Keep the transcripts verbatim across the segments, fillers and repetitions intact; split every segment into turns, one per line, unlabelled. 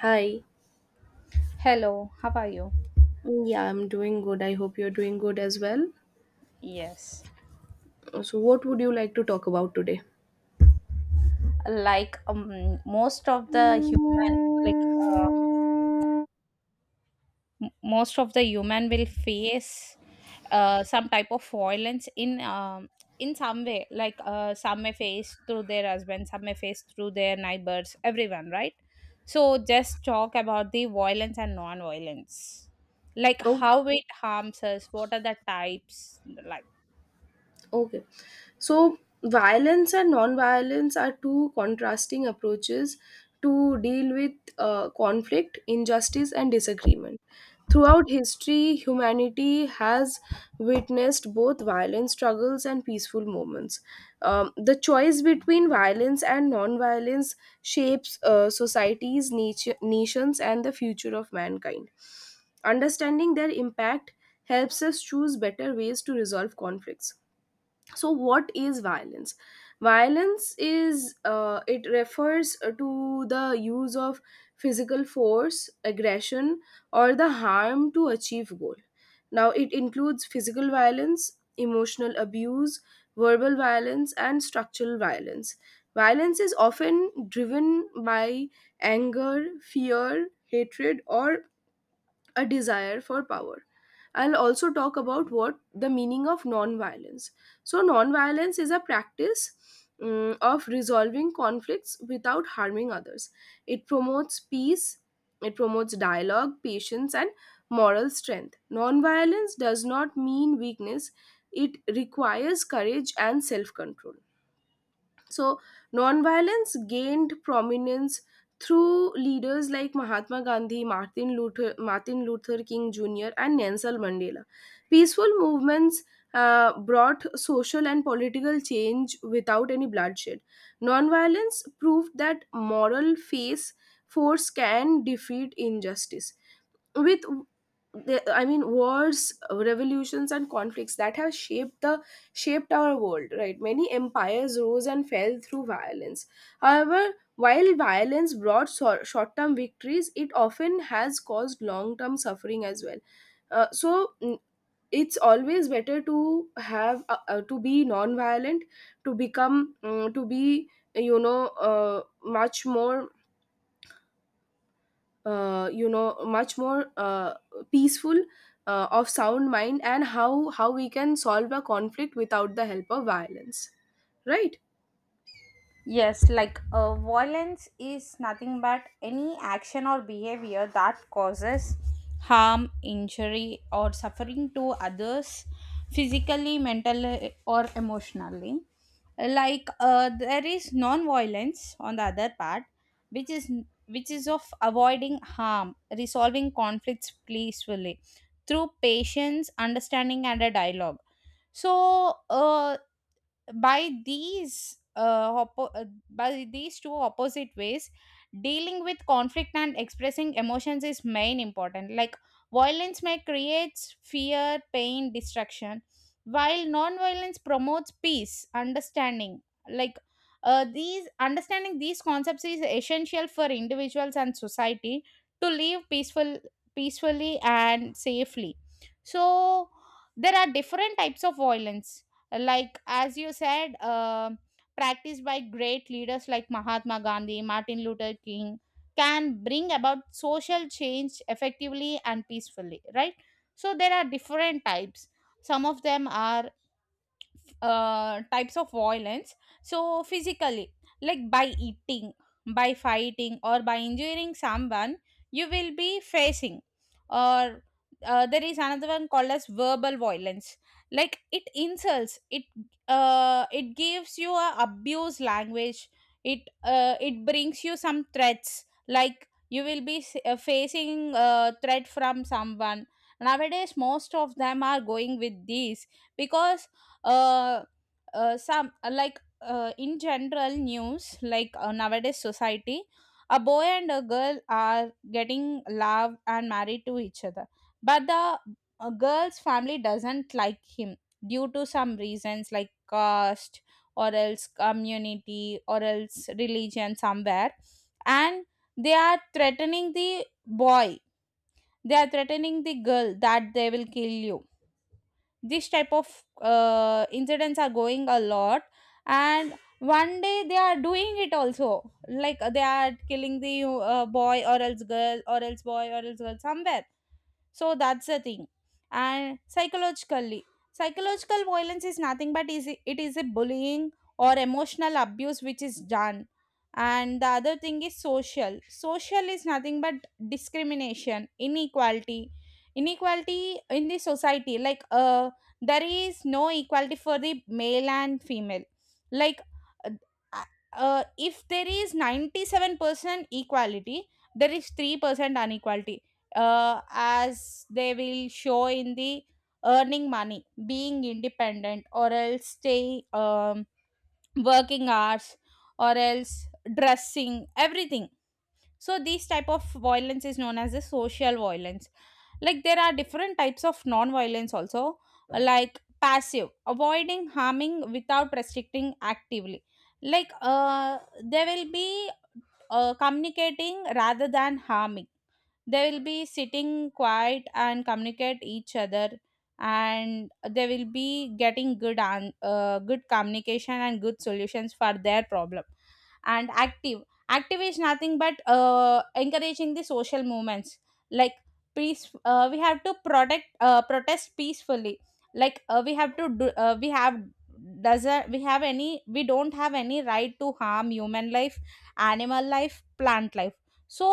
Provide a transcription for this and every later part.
Hi.
Hello, how are you?
Mm, Yeah, I'm doing good. I hope you're doing good as well.
Yes.
Uh, So, what would you like to talk about today?
Like um, most of the human, like uh, m- most of the human will face uh, some type of violence in um, in some way. Like uh, some may face through their husband, some may face through their neighbors, everyone, right? So just talk about the violence and non-violence, like
Oh.
how it harms us. What are the types like?
Okay. So, violence and non-violence are two contrasting approaches to deal with uh, conflict, injustice, and disagreement. Throughout history, humanity has witnessed both violent struggles and peaceful moments. Um, the choice between violence and non-violence shapes uh, societies, natu- nations, and the future of mankind. Understanding their impact helps us choose better ways to resolve conflicts. So what is violence? Violence is uh, it refers uh, to the use of physical force, aggression, or the harm to achieve goal. Now it includes physical violence, emotional abuse, verbal violence, and structural violence. Violence is often driven by anger, fear, hatred, or a desire for power. I'll also talk about what the meaning of non-violence. So, non-violence is a practice, mm, of resolving conflicts without harming others. It promotes peace, it promotes dialogue, patience, and moral strength. Non-violence does not mean weakness, it requires courage and self control. So, nonviolence gained prominence through leaders like Mahatma Gandhi, Martin Luther, Martin Luther King Junior, and Nelson Mandela. Peaceful movements uh, brought social and political change without any bloodshed. Nonviolence proved that moral face force can defeat injustice. With the, I mean Wars, revolutions, and conflicts that have shaped the shaped our world, right? Many empires rose and fell through violence. However, while violence brought so, short-term victories, it often has caused long-term suffering as well. uh, so mm, it's always better to have uh, uh, to be non-violent, to become mm, to be, you know, uh, much more, uh, you know much more, uh, peaceful, uh, of sound mind, and how how we can solve a conflict without the help of violence, right?
Yes, like uh, violence is nothing but any action or behavior that causes harm, injury, or suffering to others physically, mentally, or emotionally. Like uh, there is non-violence on the other part, which is which is of avoiding harm, resolving conflicts peacefully through patience, understanding, and a dialogue. So, uh, by these uh, oppo- uh, by these two opposite ways dealing with conflict and expressing emotions is main important, like violence may creates fear, pain, destruction, while non-violence promotes peace, understanding. like uh, these understanding these concepts is essential for individuals and society to live peaceful peacefully and safely. So there are different types of violence, like as you said, um, practiced by great leaders like Mahatma Gandhi, Martin Luther King, can bring about social change effectively and peacefully, right? So there are different types. Some of them are uh, types of violence. So physically, like by eating, by fighting, or by injuring someone, you will be facing. Or uh, there is another one called as verbal violence. Like it insults it uh, it gives you a abuse language. It uh, it brings you some threats, like you will be s- uh, facing a threat from someone. Nowadays most of them are going with these, because uh, uh some uh, like uh, in general news, like uh, nowadays society, a boy and a girl are getting love and married to each other, but the uh, girl's family doesn't like him due to some reasons like caste, or else community, or else religion somewhere. And they are threatening the boy, they are threatening the girl, that they will kill you. This type of uh, incidents are going a lot, and one day they are doing it also. Like uh, they are killing the uh, boy or else girl, or else boy or else girl, somewhere. So that's the thing. And psychologically, psychological violence is nothing but is it is a bullying or emotional abuse which is done. And the other thing is social. Social is nothing but discrimination, inequality, inequality in the society. Like uh, there is no equality for the male and female. Like uh, uh, if there is ninety seven percent equality, there is three percent inequality, uh, as they will show in the earning money, being independent, or else stay um, working hours, or else dressing, everything. So these type of violence is known as the social violence. Like there are different types of non-violence also, like passive, avoiding harming without restricting actively. Like uh, they will be uh, communicating rather than harming. They will be sitting quiet and communicate each other, and they will be getting good and uh, good communication and good solutions for their problem. And active, active is nothing but uh, encouraging the social movements, like peace, uh, we have to protect uh, protest peacefully. Like uh, we have to do uh, we have doesn't we have any, we don't have any right to harm human life, animal life, plant life. So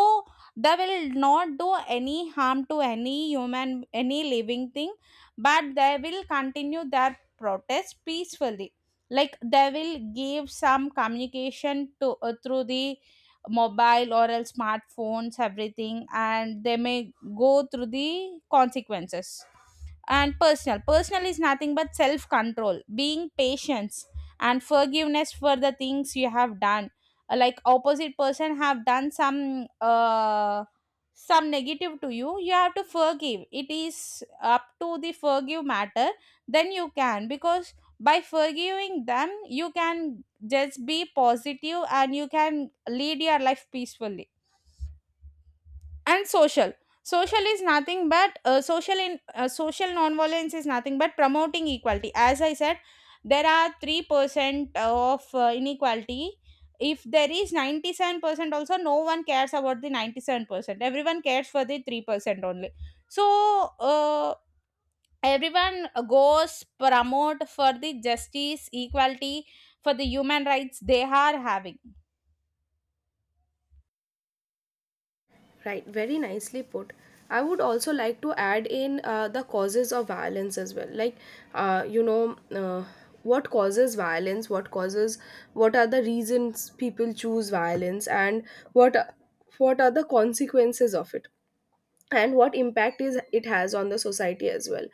they will not do any harm to any human, any living thing, but they will continue their protest peacefully. Like they will give some communication to uh, through the mobile or else smartphones, everything, and they may go through the consequences. And personal personal is nothing but self control, being patience, and forgiveness for the things you have done. Uh, like opposite person have done some uh, some negative to you, you have to forgive, it is up to the forgive matter. Then you can, because by forgiving them you can just be positive and you can lead your life peacefully. And social social is nothing but uh, social in uh, social nonviolence is nothing but promoting equality. As I said, there are three percent of uh, inequality. If there is ninety seven percent also, no one cares about the ninety seven percent, everyone cares for the three percent only. So uh, everyone goes promote for the justice equality, for the human rights they are having.
Right, very nicely put. I would also like to add in uh, the causes of violence as well. Like, uh, you know uh, what causes violence, what causes what are the reasons people choose violence, and what what are the consequences of it, and what impact is it has on the society as well.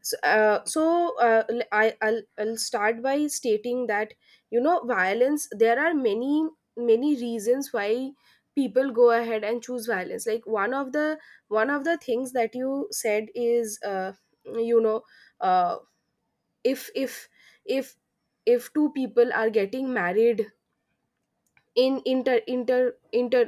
so, uh, so uh, l- I, I'll, I'll start by stating that, you know, violence, there are many many reasons why people go ahead and choose violence. Like one of the one of the things that you said is, uh, you know uh, if if if if two people are getting married, in inter inter inter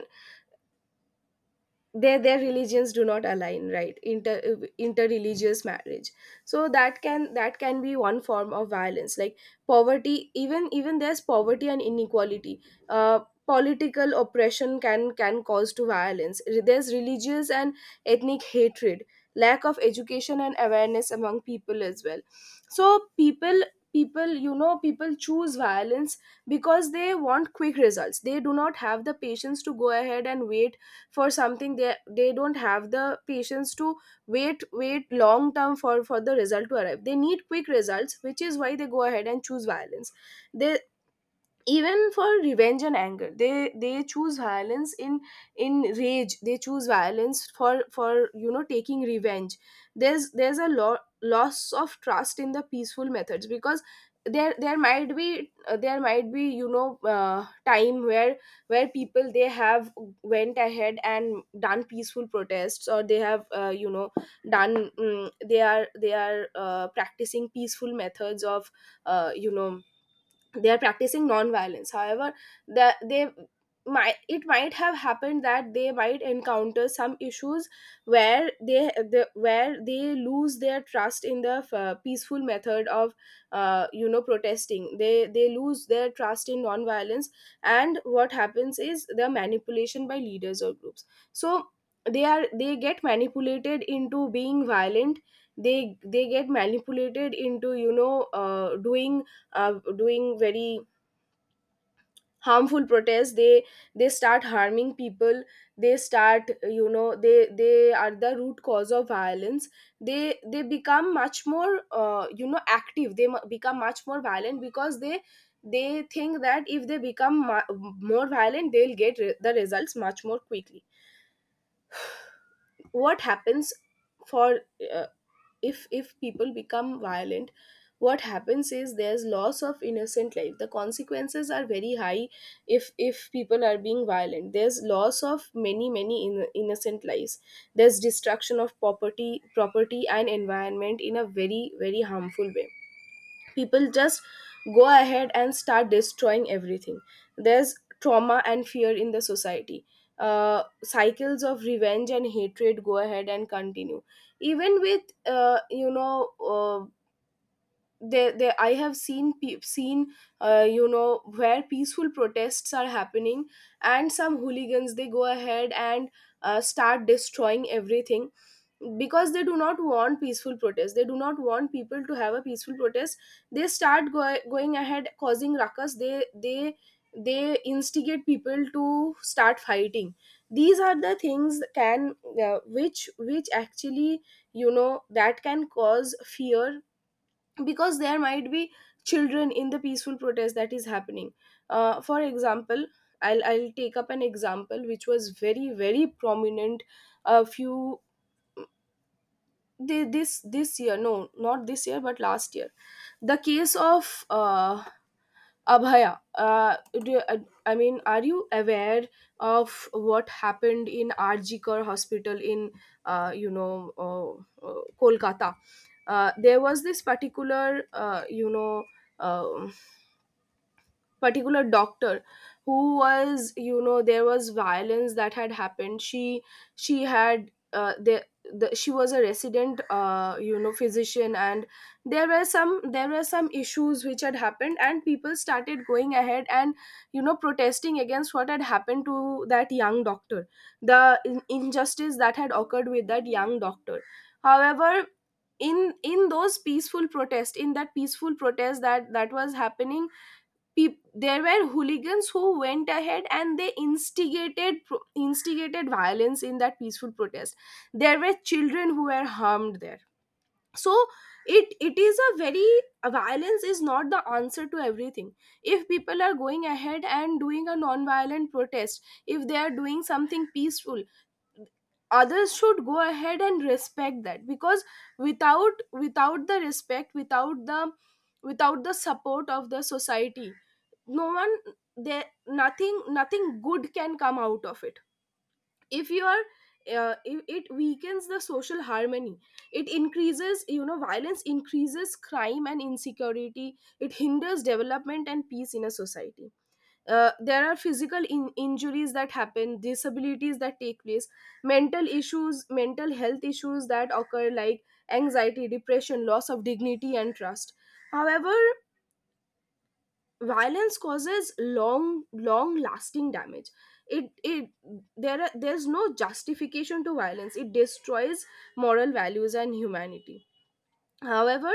their their religions do not align, right? Inter uh, interreligious marriage, so that can that can be one form of violence. Like poverty, even even there's poverty and inequality, uh, political oppression can can cause to violence. There's religious and ethnic hatred, lack of education and awareness among people as well. So people people, you know, people choose violence because they want quick results, they do not have the patience to go ahead and wait for something. They they don't have the patience to wait wait long term for for the result to arrive. They need quick results, which is why they go ahead and choose violence. They, even for revenge and anger, they they choose violence. In in rage they choose violence for for, you know, taking revenge. There's there's a lo- loss of trust in the peaceful methods, because there there might be uh, there might be, you know, uh, time where where people, they have went ahead and done peaceful protests, or they have, uh, you know done mm, they are they are uh, practicing peaceful methods of, uh, you know they are practicing non-violence. However, the, they might, it might have happened that they might encounter some issues where they the, where they lose their trust in the uh, peaceful method of, uh, you know protesting. They they lose their trust in non-violence. And what happens is the manipulation by leaders or groups. So they are they get manipulated into being violent. They they get manipulated into, you know, uh, doing uh, doing very harmful protests. They they start harming people. They start, you know, they they are the root cause of violence. They they become much more, uh, you know active. They mu- become much more violent, because they they think that if they become mu- more violent, they'll get re- the results much more quickly. What happens for, uh, if if people become violent, what happens is there's loss of innocent life. The consequences are very high. If if people are being violent, there's loss of many many in, innocent lives. There's destruction of property property and environment in a very very harmful way. People just go ahead and start destroying everything. There's trauma and fear in the society. Uh, cycles of revenge and hatred go ahead and continue. Even with, uh, you know uh, they, they I have seen pe- seen, uh, you know where peaceful protests are happening, and some hooligans, they go ahead and uh, start destroying everything. Because they do not want peaceful protest, they do not want people to have a peaceful protest. They start go- going ahead causing ruckus. They they they instigate people to start fighting. These are the things that can, uh, which which actually, you know, that can cause fear, because there might be children in the peaceful protest that is happening. Uh, for example, I'll, I'll take up an example which was very very prominent a few, thi- this this year, no, not this year but last year. The case of, uh, Abhaya, uh, do, uh, I mean, are you aware of what happened in Arjikar Hospital in, uh, you know, uh, uh, Kolkata? Uh, there was this particular, uh, you know, uh, particular doctor who was, you know, there was violence that had happened. She she had, uh, the, the, she was a resident, uh, you know physician. And there were some there were some issues which had happened, and people started going ahead and, you know, protesting against what had happened to that young doctor. The in- injustice that had occurred with that young doctor. However, in in those peaceful protest, in that peaceful protest that that was happening, peop- there were hooligans who went ahead and they instigated pro- instigated violence in that peaceful protest. There were children who were harmed there. So it it is a very, violence is not the answer to everything. If people are going ahead and doing a non-violent protest, if they are doing something peaceful, others should go ahead and respect that. Because without without the respect, without the, without the support of the society, no one, there, nothing nothing good can come out of it. If you are, uh, it, it weakens the social harmony. It increases, you know, violence increases crime and insecurity. It hinders development and peace in a society. Uh, there are physical in- injuries that happen, disabilities that take place, mental issues mental health issues that occur, like anxiety, depression, loss of dignity and trust. However, violence causes long long lasting damage. it it there are, there's no justification to violence. It destroys moral values and humanity. However,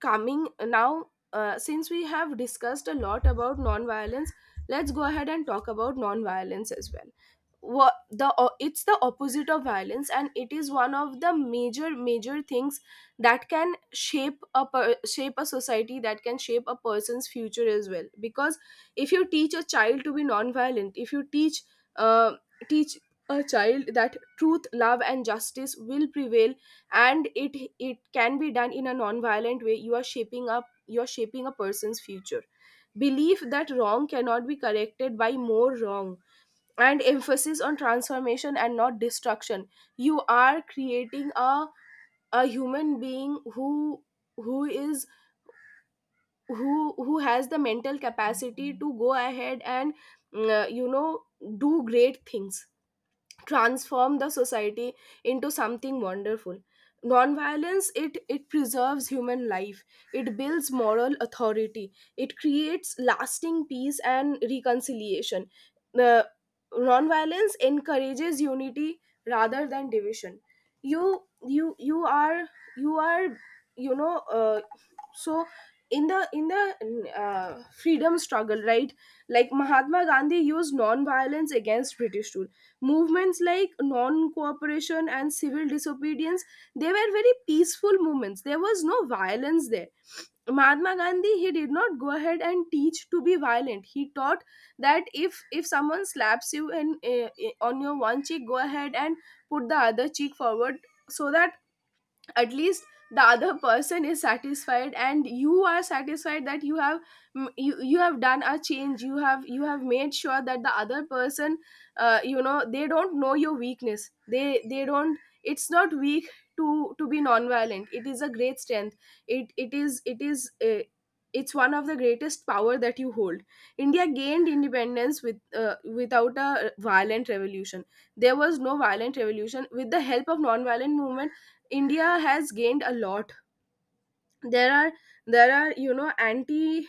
coming now, uh, since we have discussed a lot about non violence, let's go ahead and talk about non violence as well. What the o- it's the opposite of violence, and it is one of the major major things that can shape a per, shape a society, that can shape a person's future as well. Because if you teach a child to be non-violent, if you teach, uh, teach a child that truth, love, and justice will prevail, and it it can be done in a non-violent way, you are shaping up you are shaping a person's future. Belief that wrong cannot be corrected by more wrong, and emphasis on transformation and not destruction. You are creating a a human being who who is who who has the mental capacity to go ahead and, mm, uh, you know do great things, transform the society into something wonderful. Nonviolence, it it preserves human life, it builds moral authority, it creates lasting peace and reconciliation. The Nonviolence encourages unity rather than division. you you you are you are you know uh, so in the in the uh, freedom struggle, right? Like Mahatma Gandhi used non-violence against British rule. Movements like non-cooperation and civil disobedience, they were very peaceful movements. There was no violence there. Mahatma Gandhi, he did not go ahead and teach to be violent. He taught that if if someone slaps you in, uh, on your one cheek, go ahead and put the other cheek forward. So that at least the other person is satisfied, and you are satisfied that you have, mm, you, you have done a change. You have, you have made sure that the other person, uh, you know they don't know your weakness. They they don't, it's not weak to to be non-violent. It is a great strength. It it is it is uh, it's one of the greatest power that you hold. India Gained independence with uh, without a violent revolution. There was no violent revolution. With the help of non-violent movement, India has gained a lot. There are there are you know anti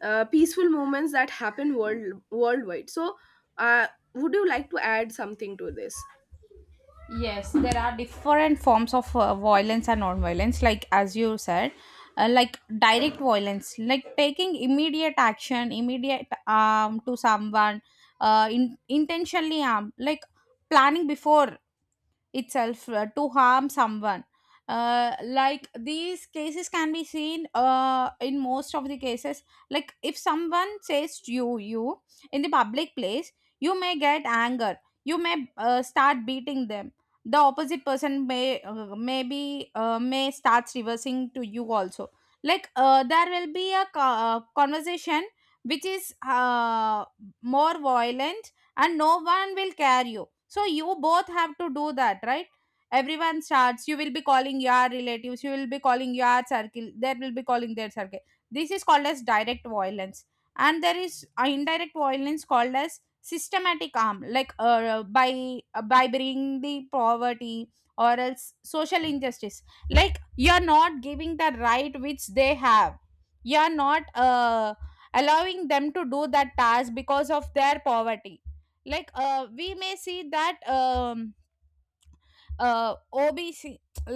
uh, peaceful movements that happen world worldwide. So, uh, would you like to add something to this?
Yes, there are different forms of uh, violence and non-violence. Like as you said, uh, like direct violence, like taking immediate action, immediate harm to someone, uh, in, intentionally harm, like planning before itself uh, to harm someone. Uh, like these cases can be seen uh, in most of the cases. Like if someone says to you you in the public place, you may get anger, you may uh, start beating them. The opposite person may uh, maybe uh, may starts reversing to you also. Like uh, there will be a co- uh, conversation which is uh, more violent, and no one will care you, so you both have to do that, right? Everyone starts, you will be calling your relatives, you will be calling your circle, they will be calling their circle. This is called as direct violence. And there is uh, indirect violence called as systematic harm, like uh, by uh, by bringing the poverty or else social injustice. Like you're not giving the right which they have, you're not uh, allowing them to do that task because of their poverty. Like uh, we may see that um, uh, obc,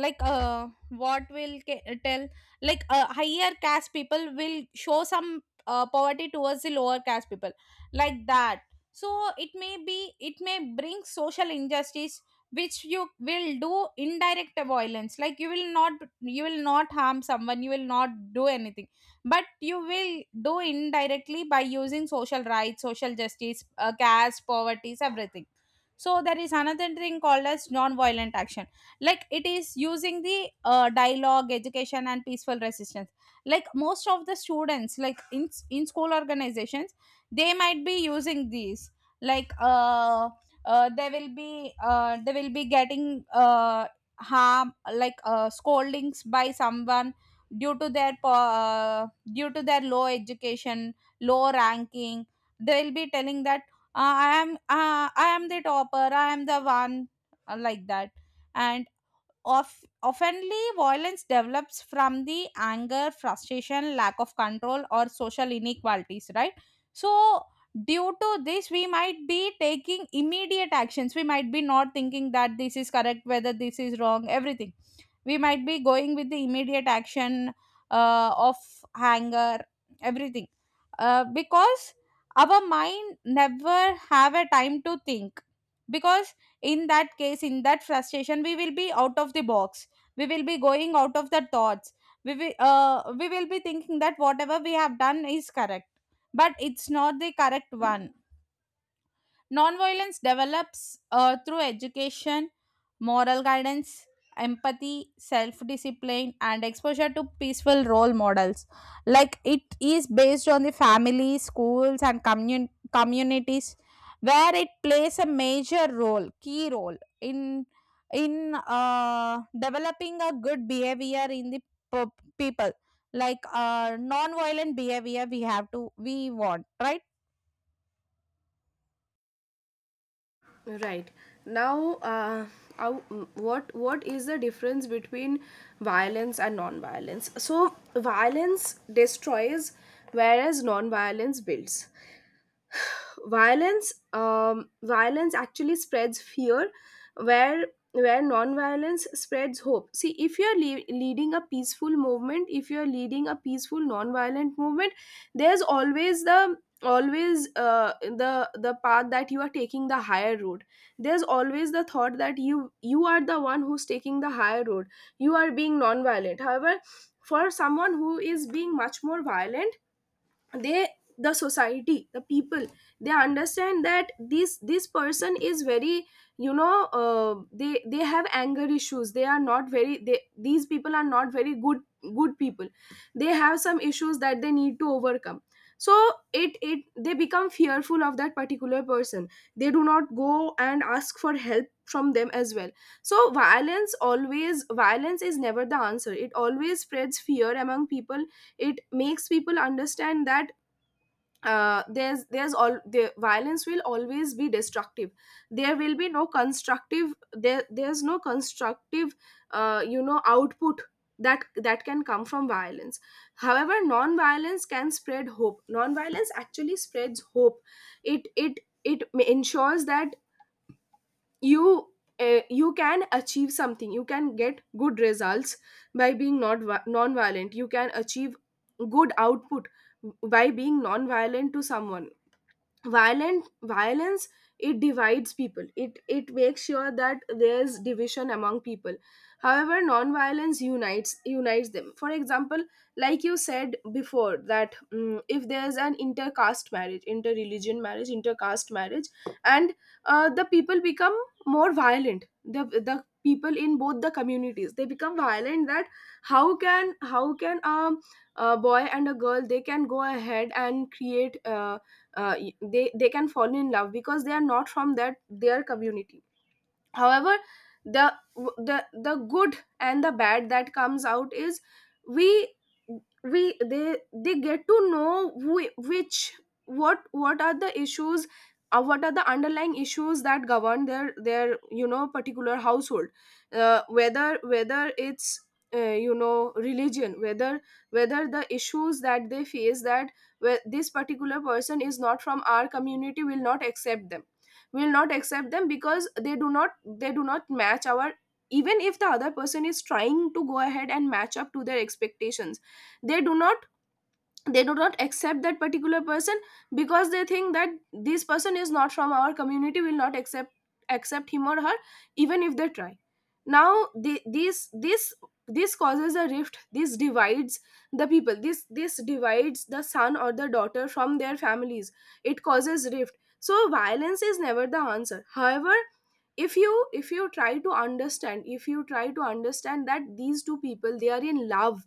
like uh, what will ca- tell like uh, higher caste people will show some uh, poverty towards the lower caste people, like that. So it may be, it may bring social injustice, which you will do indirect violence. Like you will not, you will not harm someone, you will not do anything, but you will do indirectly by using social rights, social justice, uh, caste, poverty, everything. So there is another thing called as non-violent action. Like it is using the uh, dialogue, education, and peaceful resistance. Like most of the students, like in in school organizations, they might be using these. like uh, uh they will be uh, they will be getting uh, harm, like uh, scoldings by someone due to their po- uh, due to their low education, low ranking. They will be telling that, uh, i am uh, I am the topper, I am the one, uh, like that. Of, oftenly, violence develops from the anger, frustration, lack of control, or social inequalities, right? So, due to this, we might be taking immediate actions. We might be not thinking that this is correct, whether this is wrong, everything. We might be going with the immediate action uh, of anger, everything. Uh, because our mind never have a time to think, because in that case, in that frustration, we will be out of the box, we will be going out of the thoughts, we will, uh, we will be thinking that whatever we have done is correct, but it's not the correct one. Nonviolence develops uh, through education, moral guidance, empathy, self discipline, and exposure to peaceful role models. Like it is based on the family, schools, and commun- communities, where it plays a major role, key role in in uh, developing a good behavior in the po- people. Like uh, non-violent behavior we have to we want, right?
Right now, uh, how- what what is the difference between violence and non-violence? So, violence destroys, whereas non-violence builds. Violence um, violence actually spreads fear where where non-violence spreads hope. See, if you're le- leading a peaceful movement, if you're leading a peaceful non-violent movement, there's always the always uh, the the path that you are taking, the higher road. There's always the thought that you you are the one who's taking the higher road. You are being non-violent. However, for someone who is being much more violent, they the society, the people, they understand that this this person is very, you know uh, they they have anger issues. They are not very, they, these people are not very good good people. They have some issues that they need to overcome. So it it they become fearful of that particular person. They do not go and ask for help from them as well. So violence always, violence is never the answer. It always spreads fear among people. It makes people understand that uh, there's there's all the violence will always be destructive. There will be no constructive, there there's no constructive, uh, you know output that that can come from violence. However, non violence can spread hope. Non violence actually spreads hope. It it it ma- ensures that you uh, you can achieve something. You can get good results by being not non violent. You can achieve good output by being non violent to someone. Violent Violence, it divides people. It it makes sure that there's division among people. However, non-violence unites, unites them. For example, like you said before, that mm, if there's an intercaste marriage, inter-religion marriage, intercaste marriage, and uh, the people become more violent, the the people in both the communities, they become violent. That how can, how can um, a boy and a girl, they can go ahead and create uh, uh, y- they they can fall in love because they are not from that, their community. However, the the the good and the bad that comes out is, we we they they get to know who, which, what what are the issues, uh, what are the underlying issues that govern their their you know particular household, uh, whether whether it's uh, you know religion, whether whether the issues that they face, that where this particular person is not from our community, will not accept them. We will not accept them because they do not they do not match our, even if the other person is trying to go ahead and match up to their expectations. They do not, they do not accept that particular person, because they think that this person is not from our community, will not accept, accept him or her, even if they try. Now the, these this this causes a rift. This divides the people. This this divides the son or the daughter from their families. It causes rift. So violence is never the answer. However, if you, if you try to understand, if you try to understand that these two people, they are in love,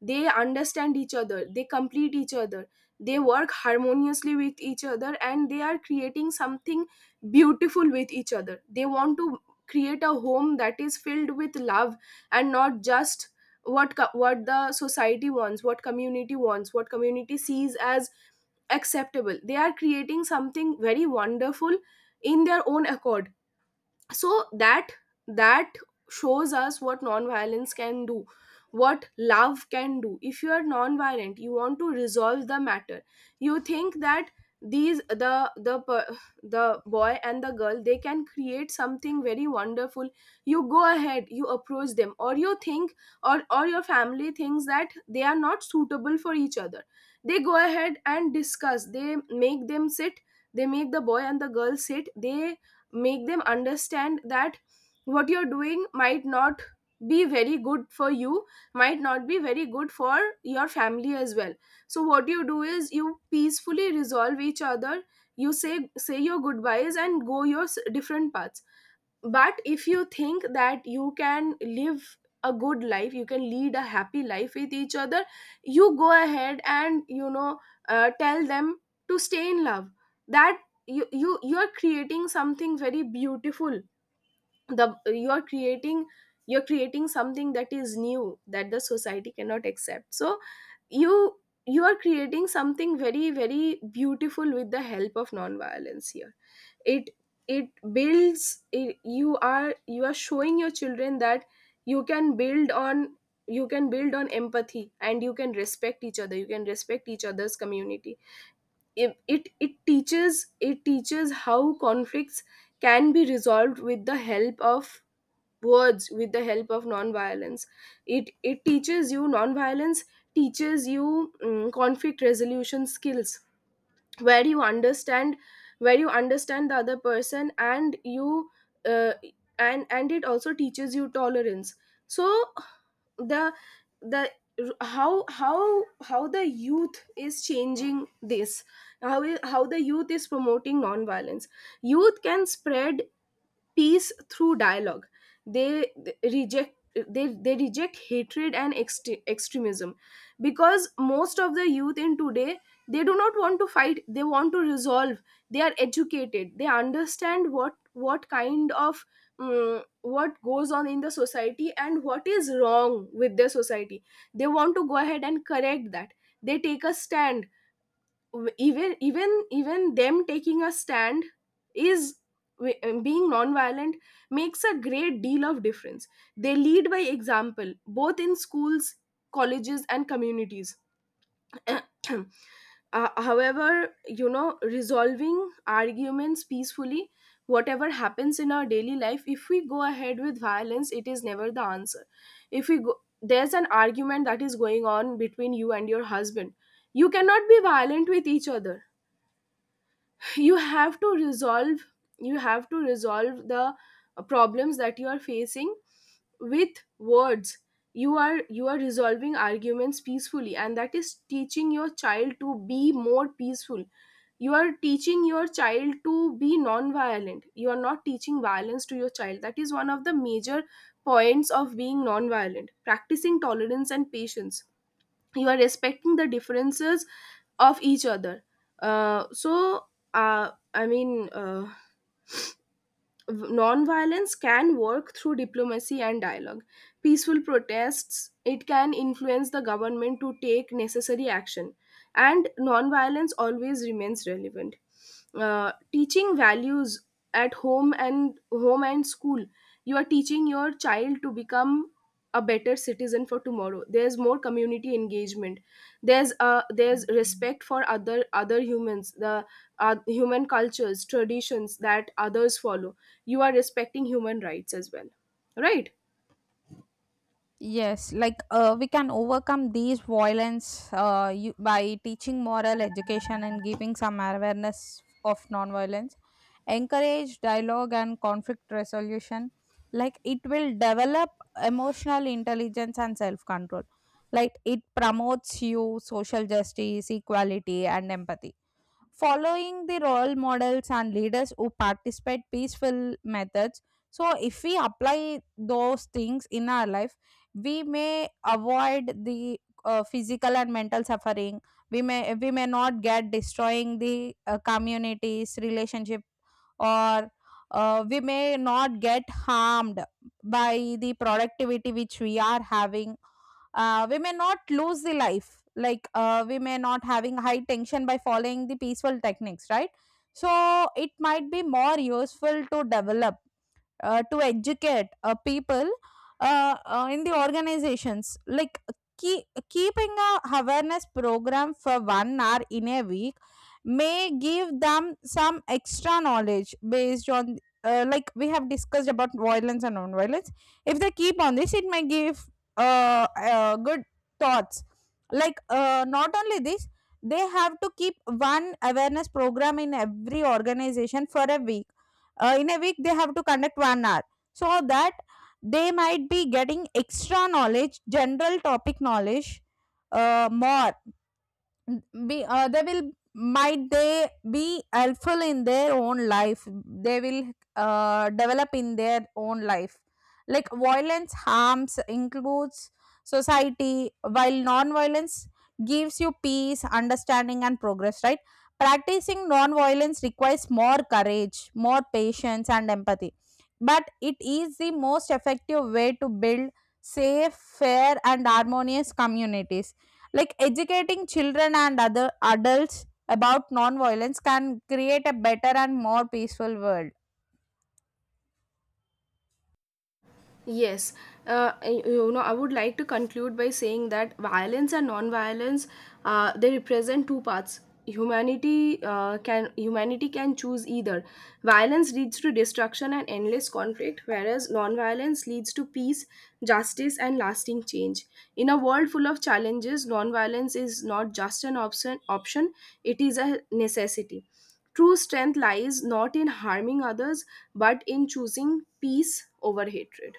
they understand each other, they complete each other, they work harmoniously with each other and they are creating something beautiful with each other. They want to create a home that is filled with love, and not just what co- what the society wants, what community wants, what community sees as acceptable. They are creating something very wonderful in their own accord. So that that shows us what nonviolence can do, what love can do. If you are nonviolent, you want to resolve the matter. You think that these the the per- the boy and the girl, they can create something very wonderful. You go ahead, you approach them. Or you think, or or your family thinks that they are not suitable for each other. They go ahead and discuss, they make them sit, they make the boy and the girl sit, they make them understand that what you're doing might not be very good for you, might not be very good for your family as well. So what you do is you peacefully resolve each other. You say, say your goodbyes and go your s- different paths. But if you think that you can live a good life, you can lead a happy life with each other, you go ahead and you know uh, tell them to stay in love, that you you you are creating something very beautiful. The You are creating, you're creating something that is new, that the society cannot accept. So you you are creating something very, very beautiful with the help of non-violence here. it it builds it. You are, you are showing your children that you can build on, you can build on empathy, and you can respect each other, you can respect each other's community. It it, it teaches it teaches how conflicts can be resolved with the help of words, with the help of non-violence. It it teaches you non-violence. Teaches you, mm, conflict resolution skills, where you understand, where you understand the other person, and you uh, and and it also teaches you tolerance. So the the how how how the youth is changing this, how i- how the youth is promoting non violence. Youth can spread peace through dialogue. They reject, they they reject hatred and ext- extremism, because most of the youth in today, they do not want to fight, they want to resolve. They are educated. They understand what what kind of, mm, what goes on in the society and what is wrong with their society. They want to go ahead and correct that. They take a stand. W- even even even them taking a stand is, w- um, being non-violent makes a great deal of difference. They lead by example, both in schools, colleges and communities. Uh, however you know resolving arguments peacefully, whatever happens in our daily life, if we go ahead with violence, it is never the answer. If we go, there's an argument that is going on between you and your husband, you cannot be violent with each other. You have to resolve, you have to resolve the uh, problems that you are facing with words. You are, you are resolving arguments peacefully, and that is teaching your child to be more peaceful. You are teaching your child to be non-violent. You are not teaching violence to your child. That is one of the major points of being non-violent, practicing tolerance and patience. You are respecting the differences of each other. uh, so uh, i mean uh, Non-violence can work through diplomacy and dialogue. Peaceful protests, it can influence the government to take necessary action. And non-violence always remains relevant. Uh, teaching values at home, and home and school, you are teaching your child to become a better citizen for tomorrow. There's more community engagement. There's uh there's respect for other other humans, the uh, human cultures, traditions that others follow. You are respecting human rights as well, right?
Yes, like uh, we can overcome these violence uh, you, by teaching moral education and giving some awareness of nonviolence, encourage dialogue and conflict resolution. Like it will develop emotional intelligence and self control. Like it promotes you social justice, equality, and empathy. Following the role models and leaders who participate peaceful methods, so if we apply those things in our life, we may avoid the uh, physical and mental suffering. We may, we may not get destroying the uh, communities relationship, or uh, we may not get harmed by the productivity which we are having. Uh, we may not lose the life, like uh, we may not having high tension by following the peaceful techniques, right? So it might be more useful to develop, uh, to educate uh, people uh, uh, in the organizations, like keep keeping a awareness program for one hour in a week, may give them some extra knowledge based on, uh, like we have discussed about violence and non-violence. If they keep on this, it may give uh, uh, good thoughts. Like uh, not only this, they have to keep one awareness program in every organization for a week. Uh, in a week they have to conduct one hour, so that they might be getting extra knowledge, general topic knowledge, uh, more be uh, they will might they be helpful in their own life. They will uh, develop in their own life. Like violence harms includes society, while non-violence gives you peace, understanding, and progress, right? Practicing non-violence requires more courage, more patience, and empathy, but it is the most effective way to build safe, fair, and harmonious communities, like educating children and other adults about non-violence can create a better and more peaceful world.
Yes, uh, y- you know, I would like to conclude by saying that violence and non-violence, uh, they represent two paths. Humanity uh, can humanity can choose either. Violence leads to destruction and endless conflict, whereas non-violence leads to peace, justice, and lasting change. In a world full of challenges, non-violence is not just an option; option, it is a necessity. True strength lies not in harming others, but in choosing peace over hatred.